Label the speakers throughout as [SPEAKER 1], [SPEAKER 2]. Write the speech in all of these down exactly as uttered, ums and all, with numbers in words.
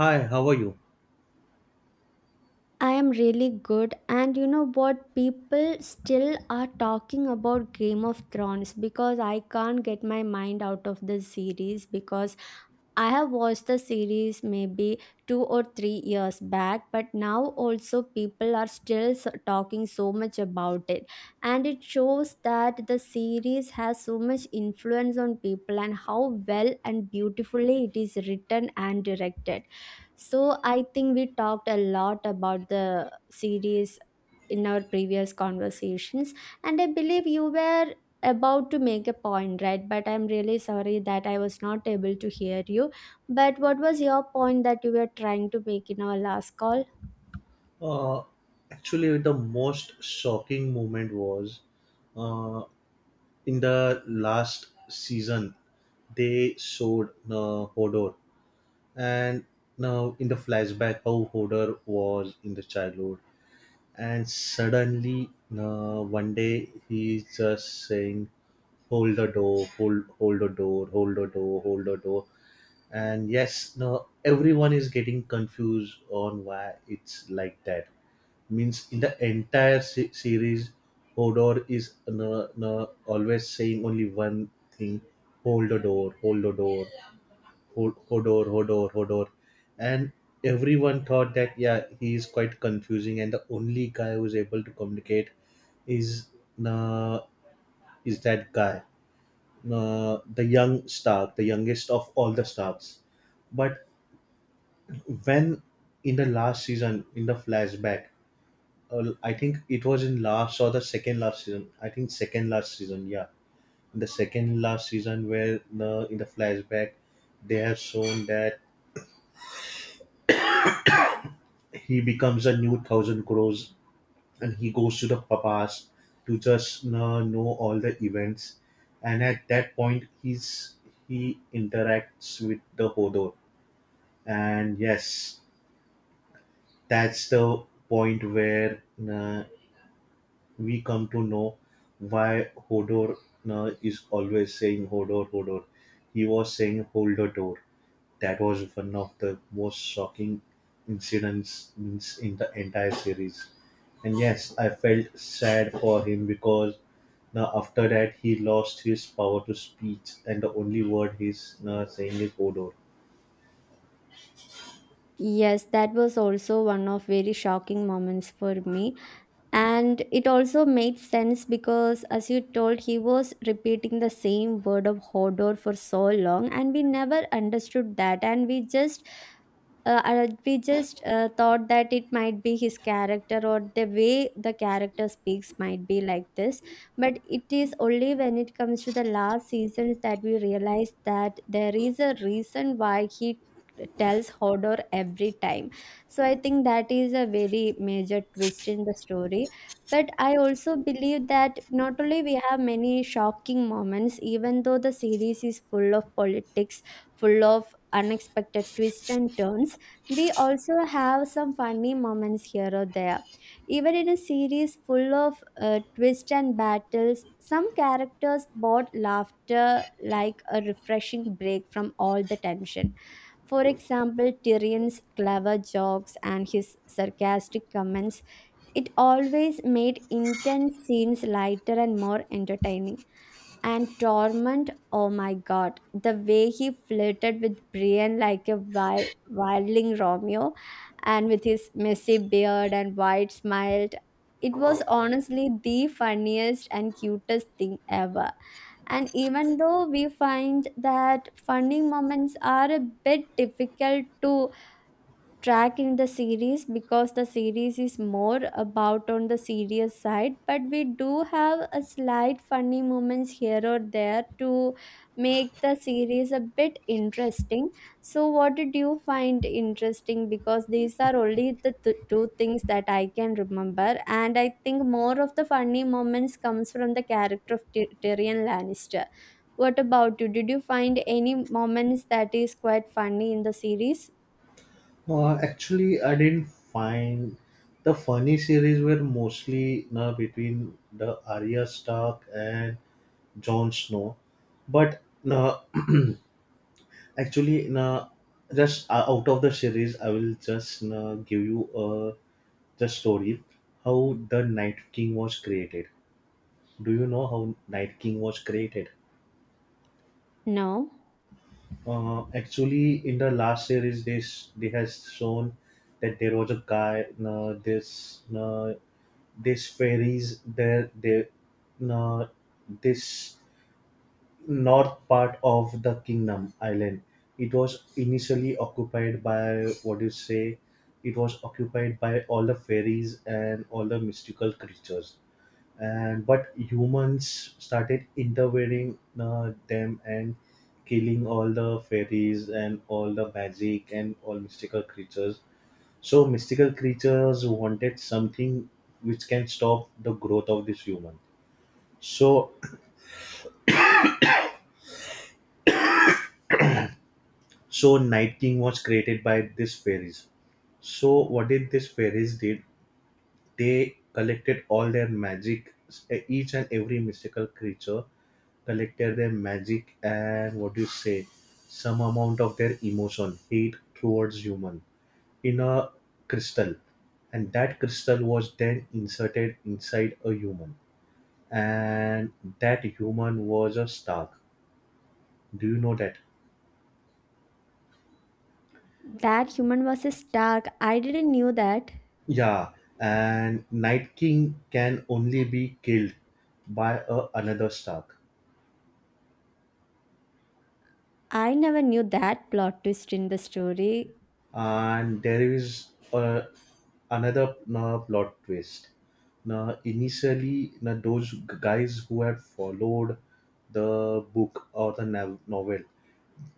[SPEAKER 1] Hi, how are you?
[SPEAKER 2] I am really good, and you know what? People still are talking about Game of Thrones because I can't get my mind out of the series. Because I have watched the series maybe two or three years back, but now also people are still so- talking so much about it, and it shows that the series has so much influence on people and how well and beautifully it is written and directed, so I think we talked a lot about the series in our previous conversations, and I believe you were about to make a point, right? But I'm really sorry that I was not able to hear you. But what was your point that you were trying to make in our last call?
[SPEAKER 1] Uh, Actually, the most shocking moment was uh, in the last season they showed uh, Hodor, and now in the flashback how Hodor was in the childhood, and suddenly uh, one day he's just saying, "Hold the door, hold, hold the door, hold the door, hold the door." And yes, now everyone is getting confused on why it's like that. Means in the entire se- series, Hodor is no, no, always saying only one thing: hold the door, hold the door, hold Hodor, Hodor, Hodor, and everyone thought that yeah, he is quite confusing, and the only guy who is able to communicate is uh, is that guy, uh, the young Stark, the youngest of all the Starks. But when in the last season in the flashback, uh, I think it was in last or the second last season. I think second last season, yeah. In the second last season, where the in the flashback they have shown that he becomes a new thousand crores and he goes to the papas to just uh, know all the events, and at that point he's he interacts with the hodor. And yes, that's the point where uh, we come to know why Hodor uh, is always saying Hodor, Hodor. He was saying hold the door. That was one of the most shocking incidents in in the entire series. And yes, I felt sad for him because now after that he lost his power to speech, and the only word he's uh, saying is Hodor.
[SPEAKER 2] Yes, that was also one of very shocking moments for me, and it also made sense because as you told, he was repeating the same word of Hodor for so long and we never understood that, and we just uh, uh, we just uh, thought that it might be his character or the way the character speaks might be like this, but it is only when it comes to the last seasons that we realize that there is a reason why he tells Hodor every time. So I think that is a very major twist in the story. But I also believe that not only we have many shocking moments, even though the series is full of politics, full of unexpected twists and turns, we also have some funny moments here or there. Even in a series full of uh, twists and battles, some characters bought laughter like a refreshing break from all the tension. For example, Tyrion's clever jokes and his sarcastic comments, it always made intense scenes lighter and more entertaining. And Torment, oh my god, the way he flirted with Brian like a wild, wildling Romeo, and with his messy beard and wide smile, it was honestly the funniest and cutest thing ever. And even though we find that funny moments are a bit difficult to track in the series because the series is more about on the serious side, but we do have a slight funny moments here or there to make the series a bit interesting. So what did you find interesting? Because these are only the th- two things that I can remember, and I think more of the funny moments comes from the character of Ty- Tyrion Lannister. What about you? Did you find any moments that is quite funny in the series?
[SPEAKER 1] Uh, actually, I didn't find the funny series were mostly uh, between the Arya Stark and Jon Snow. But no, actually, no, just uh, out of the series, I will just no, give you uh, the story how the Night King was created. Do you know how Night King was created?
[SPEAKER 2] No.
[SPEAKER 1] Uh, actually, in the last series, they s- they has shown that there was a guy. Uh, this uh, this fairies there they, uh, this north part of the kingdom island, it was initially occupied by, what do you say, it was occupied by all the fairies and all the mystical creatures, and but humans started intervening uh, them and killing all the fairies and all the magic and all mystical creatures. So mystical creatures wanted something which can stop the growth of this human. So So Night King was created by these fairies. So what did these fairies did? They collected all their magic. eh, Each and every mystical creature collected their magic and, what do you say, some amount of their emotion, hate towards human, in a crystal, and that crystal was then inserted inside a human, and that human was a Stark. Do you know that?
[SPEAKER 2] That human was a Stark. I didn't knew that.
[SPEAKER 1] Yeah, and Night King can only be killed by a, another Stark,
[SPEAKER 2] I never knew that plot twist in the story.
[SPEAKER 1] and there is a, another uh, plot twist. Now, initially, now those g- guys who had followed the book or the nav- novel,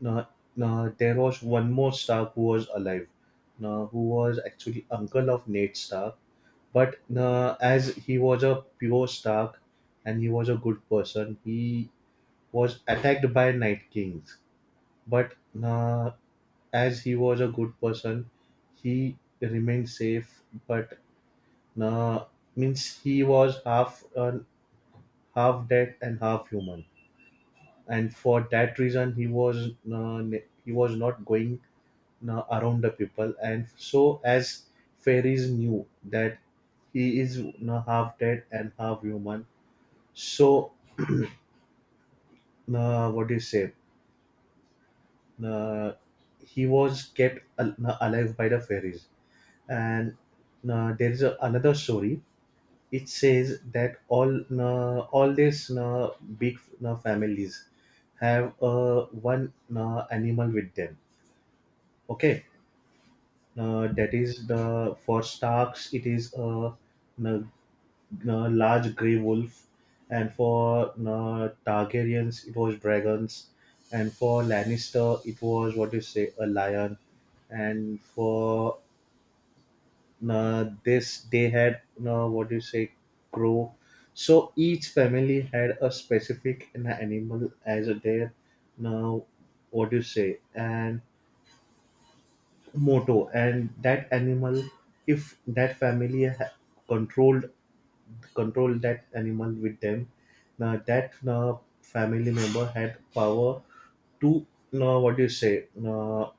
[SPEAKER 1] now, now there was one more Stark who was alive, now who was actually uncle of Ned Stark. But now, as he was a pure Stark and he was a good person, he was attacked by Night Kings, but uh, as he was a good person, he remained safe. But uh, means he was half uh, half dead and half human, and for that reason he was uh, ne- he was not going uh, around the people, and so as fairies knew that he is uh, half dead and half human, so uh, what do you say? uh, he was kept al- alive by the fairies. And uh, there is a, another story. It says that all uh, all these uh, big uh, families have uh, one uh, animal with them. Okay, uh, that is the for Starks. It is a uh, uh, large grey wolf, and for uh, Targaryens it was dragons, and for Lannister it was, what do you say, a lion, and for uh, this they had, uh, what do you say, crow. So each family had a specific an animal as a their now, what do you say, and motto, and that animal, if that family ha- controlled control that animal with them. Now that uh, family member had power to uh, what do you say, uh,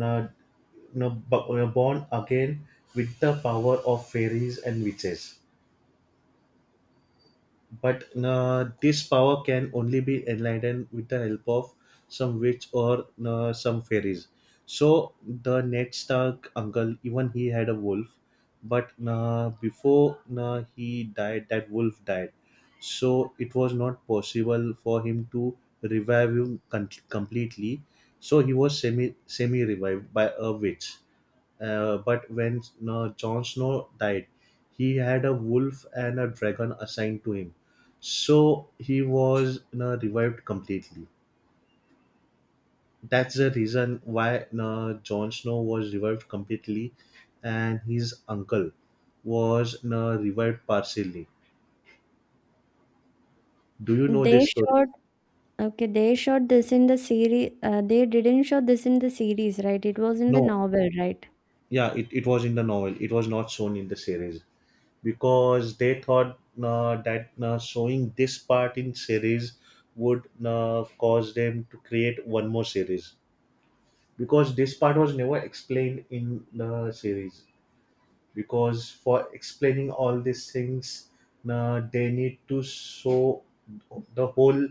[SPEAKER 1] uh, uh, born again with the power of fairies and witches. But uh, this power can only be enlightened with the help of some witch or uh, some fairies. So the ned stark uncle, even he had a wolf, but uh, before uh, he died that wolf died. So it was not possible for him to revive him con- completely. So he was semi semi revived by a witch. Uh, but when uh, Jon Snow died, he had a wolf and a dragon assigned to him. So he was uh, revived completely. That's the reason why uh, Jon Snow was revived completely and his uncle was uh, revived partially. Do you know this
[SPEAKER 2] They
[SPEAKER 1] story?
[SPEAKER 2] showed Okay. They showed this in the series. Uh, they didn't show this in the series, right? It was in the
[SPEAKER 1] No.
[SPEAKER 2] novel, right?
[SPEAKER 1] Yeah, it, it was in the novel. It was not shown in the series, because they thought uh, that uh, showing this part in series would uh, cause them to create one more series, because this part was never explained in the series, because for explaining all these things uh, they need to show the whole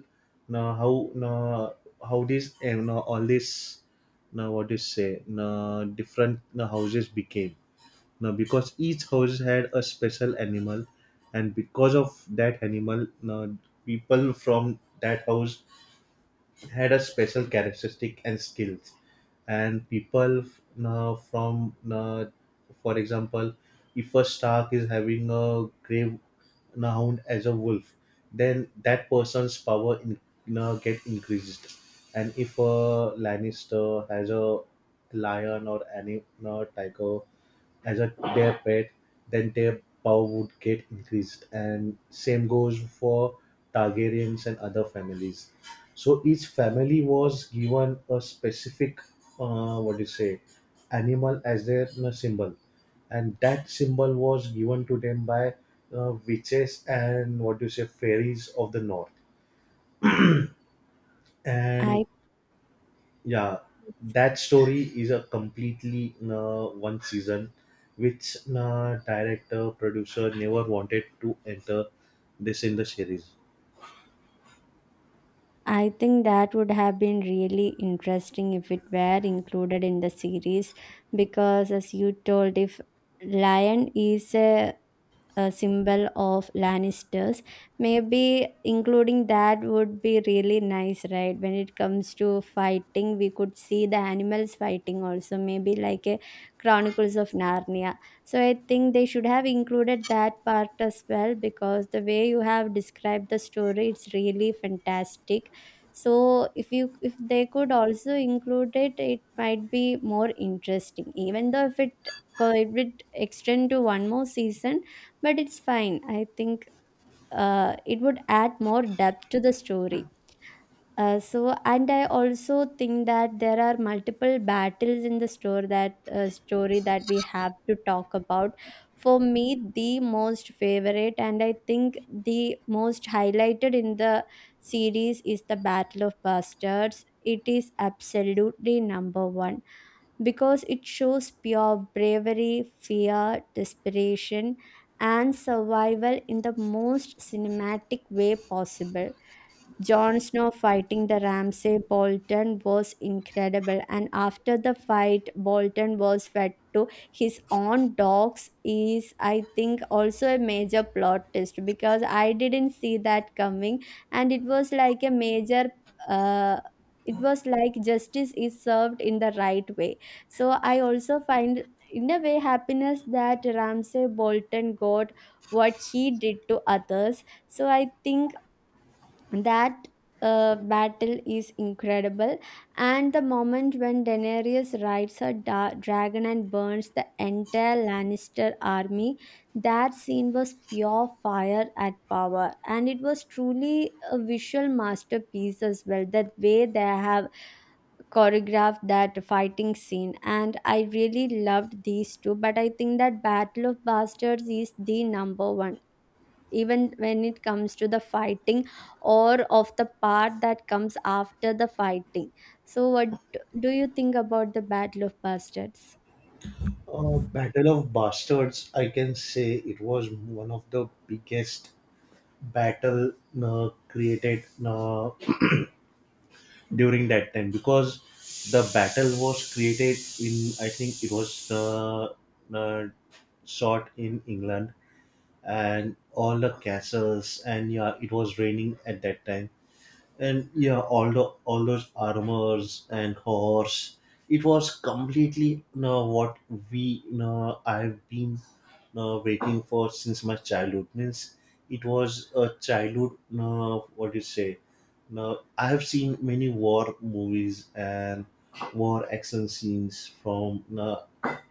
[SPEAKER 1] uh, how uh, how this and uh, all this now, what do you say, uh, different uh, houses became now, because each house had a special animal, and because of that animal, now people from that house had a special characteristic and skills, and people f- uh, from uh, for example, if a stark is having a grave uh, hound as a wolf, then that person's power in, uh, get increased, and if a lannister has a lion or any uh, tiger as a their pet, then their power would get increased. And same goes for Targaryens and other families. So each family was given a specific, uh, what do you say, animal as their uh, symbol, and that symbol was given to them by uh, witches and, what do you say, fairies of the north. And
[SPEAKER 2] I
[SPEAKER 1] yeah, that story is a completely uh, one season, which uh, director producer never wanted to enter this in the series.
[SPEAKER 2] I think that would have been really interesting if it were included in the series, because as you told, if lion is a a symbol of Lannisters. Maybe including that would be really nice, right? When it comes to fighting, we could see the animals fighting also, maybe like a Chronicles of Narnia. So I think they should have included that part as well, because the way you have described the story, it's really fantastic. So if you if they could also include it, it might be more interesting. Even though if it co- it would extend to one more season, but it's fine. I think uh, it would add more depth to the story. Uh, so, and I also think that there are multiple battles in the store that uh, story that we have to talk about. For me, the most favorite, and I think the most highlighted in the series is the Battle of Bastards. It is absolutely number one because it shows pure bravery, fear, desperation, and survival in the most cinematic way possible. Jon Snow fighting the Ramsay Bolton was incredible, and after the fight, Bolton was fed to his own dogs. Is I think also a major plot twist because I didn't see that coming, and it was like a major. Uh, it was like justice is served in the right way. So I also find in a way happiness that Ramsay Bolton got what he did to others. So I think that uh, battle is incredible, and the moment when Daenerys rides her da- dragon and burns the entire Lannister army, that scene was pure fire at power, and it was truly a visual masterpiece as well. That way they have choreographed that fighting scene, and I really loved these two, but I think that Battle of Bastards is the number one, even when it comes to the fighting or of the part that comes after the fighting. So what do you think about the Battle of Bastards?
[SPEAKER 1] Uh, Battle of Bastards, I can say it was one of the biggest battle uh, created uh, during that time, because the battle was created in, I think it was uh, uh, shot in England, and all the castles, and yeah, it was raining at that time, and yeah, all the all those armors and horse, it was completely no, what we no, I've been no waiting for since my childhood. Means it was a childhood no, what do you say, no, I have seen many war movies and war action scenes from no,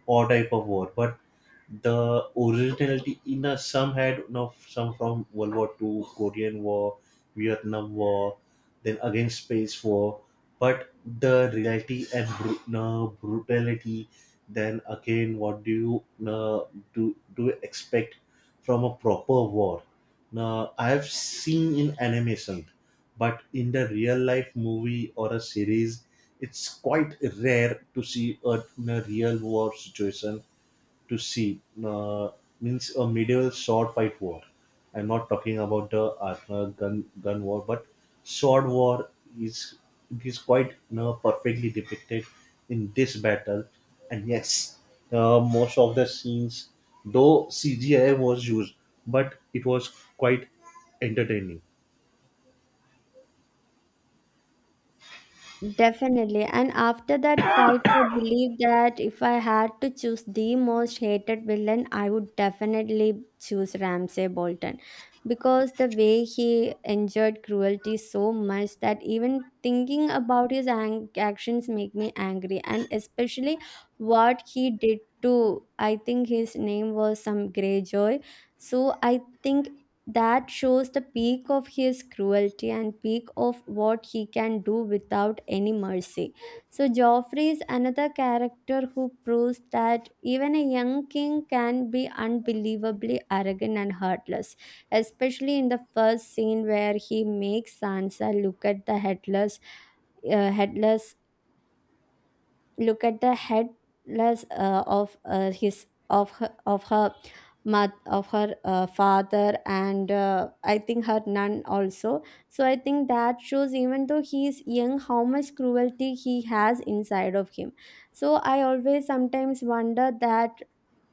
[SPEAKER 1] all type of war, but the originality in a, some had, you know, some from World War Two, Korean War, Vietnam War, then again Space War, but the reality and bru- no, brutality, then again what do you no, do do you expect from a proper war? Now I have seen in animation, but in the real life movie or a series, it's quite rare to see a, a real war situation to see uh, means a medieval sword fight war. I'm not talking about the uh, gun gun war, but sword war is is quite uh perfectly depicted in this battle. And yes, uh, most of the scenes, though C G I was used, but it was quite entertaining.
[SPEAKER 2] Definitely. And after that fight, I believe that if I had to choose the most hated villain, I would definitely choose Ramsay Bolton, because the way he endured cruelty so much that even thinking about his ang- actions make me angry. And especially what he did to, I think his name was some Greyjoy. So I think that shows the peak of his cruelty and peak of what he can do without any mercy. So Joffrey is another character who proves that even a young king can be unbelievably arrogant and heartless, especially in the first scene where he makes Sansa look at the headless uh, headless Look at the headless uh, of uh, his of her, of her mother, of her uh, father, and uh, I think her nun also. So I think that shows, even though he is young, how much cruelty he has inside of him. So I always sometimes wonder that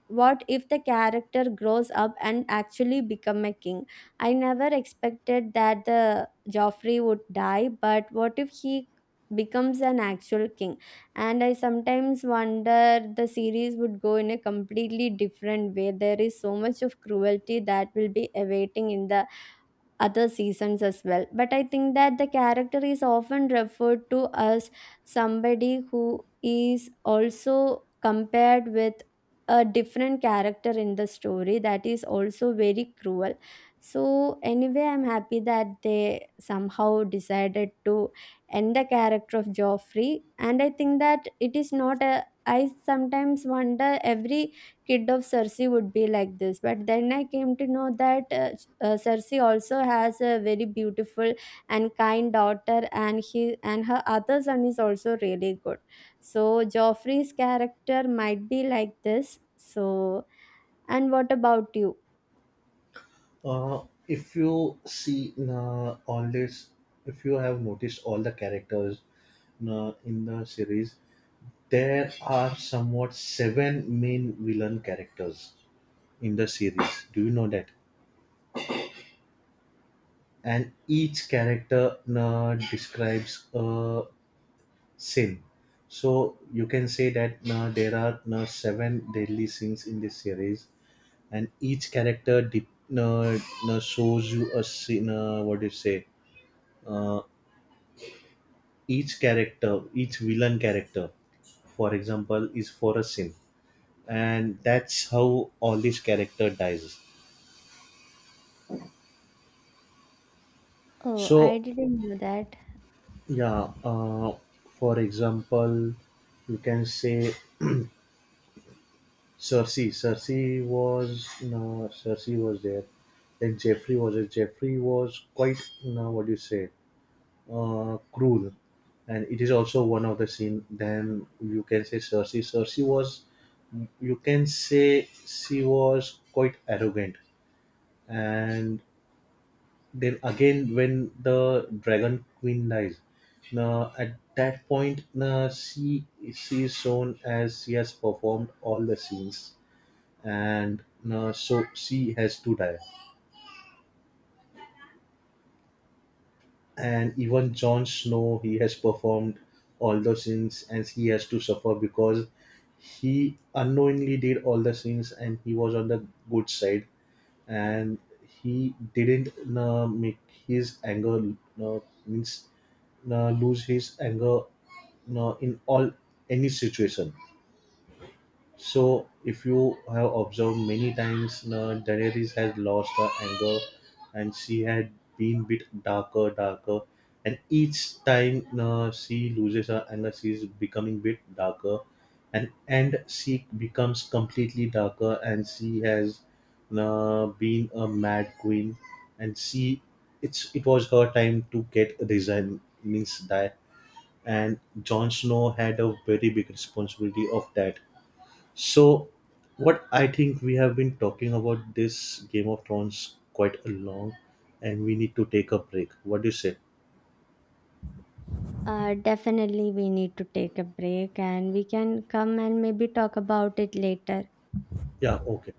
[SPEAKER 2] what if the character grows up and actually become a king. I never expected that the Joffrey would die, but what if he becomes an actual king? And I sometimes wonder the series would go in a completely different way. There is so much of cruelty that will be awaiting in the other seasons as well. But I think that the character is often referred to as somebody who is also compared with a different character in the story that is also very cruel. So, anyway, I'm happy that they somehow decided to end the character of Joffrey, and I think that it is not a I sometimes wonder every kid of Cersei would be like this, but then I came to know that uh, uh, Cersei also has a very beautiful and kind daughter, and he and her other son is also really good. So Joffrey's character might be like this. So, and what about you?
[SPEAKER 1] Uh, if you see uh, all this, if you have noticed all the characters uh, in the series, there are somewhat seven main villain characters in the series. Do you know that? And each character uh, describes a sin. So you can say that uh, there are uh, seven deadly sins in this series, and each character de- uh, uh, shows you a sin. Uh, what do you say? Uh, each character, each villain character, for example, is for a sin, and that's how all these character dies.
[SPEAKER 2] Oh, I
[SPEAKER 1] So,
[SPEAKER 2] didn't know that.
[SPEAKER 1] yeah, uh, for example, you can say Cersei. Cersei was no, Cersei was there. Then Jeffrey was there. Jeffrey was quite no, what do you say, uh, cruel, and it is also one of the scene. Then you can say Cersei. Cersei was, you can say she was quite arrogant, and then again, when the dragon queen dies, now at that point, now she she is shown as she has performed all the scenes, and now so she has to die. And even Jon Snow, he has performed all the sins, and he has to suffer because he unknowingly did all the sins, and he was on the good side, and he didn't uh, make his anger uh, means uh, lose his anger uh, in all any situation. So, if you have observed many times, uh, Daenerys has lost her anger, and she had been bit darker, darker, and each time uh, she loses her anger, she's becoming bit darker, and and she becomes completely darker, and she has uh, been a mad queen, and she it's it was her time to get resign, means die, and Jon Snow had a very big responsibility of that. So, what I think, we have been talking about this Game of Thrones quite a long, and we need to take a break. What do you say?
[SPEAKER 2] Uh, definitely, we need to take a break and we can come and maybe talk about it later.
[SPEAKER 1] Yeah, okay.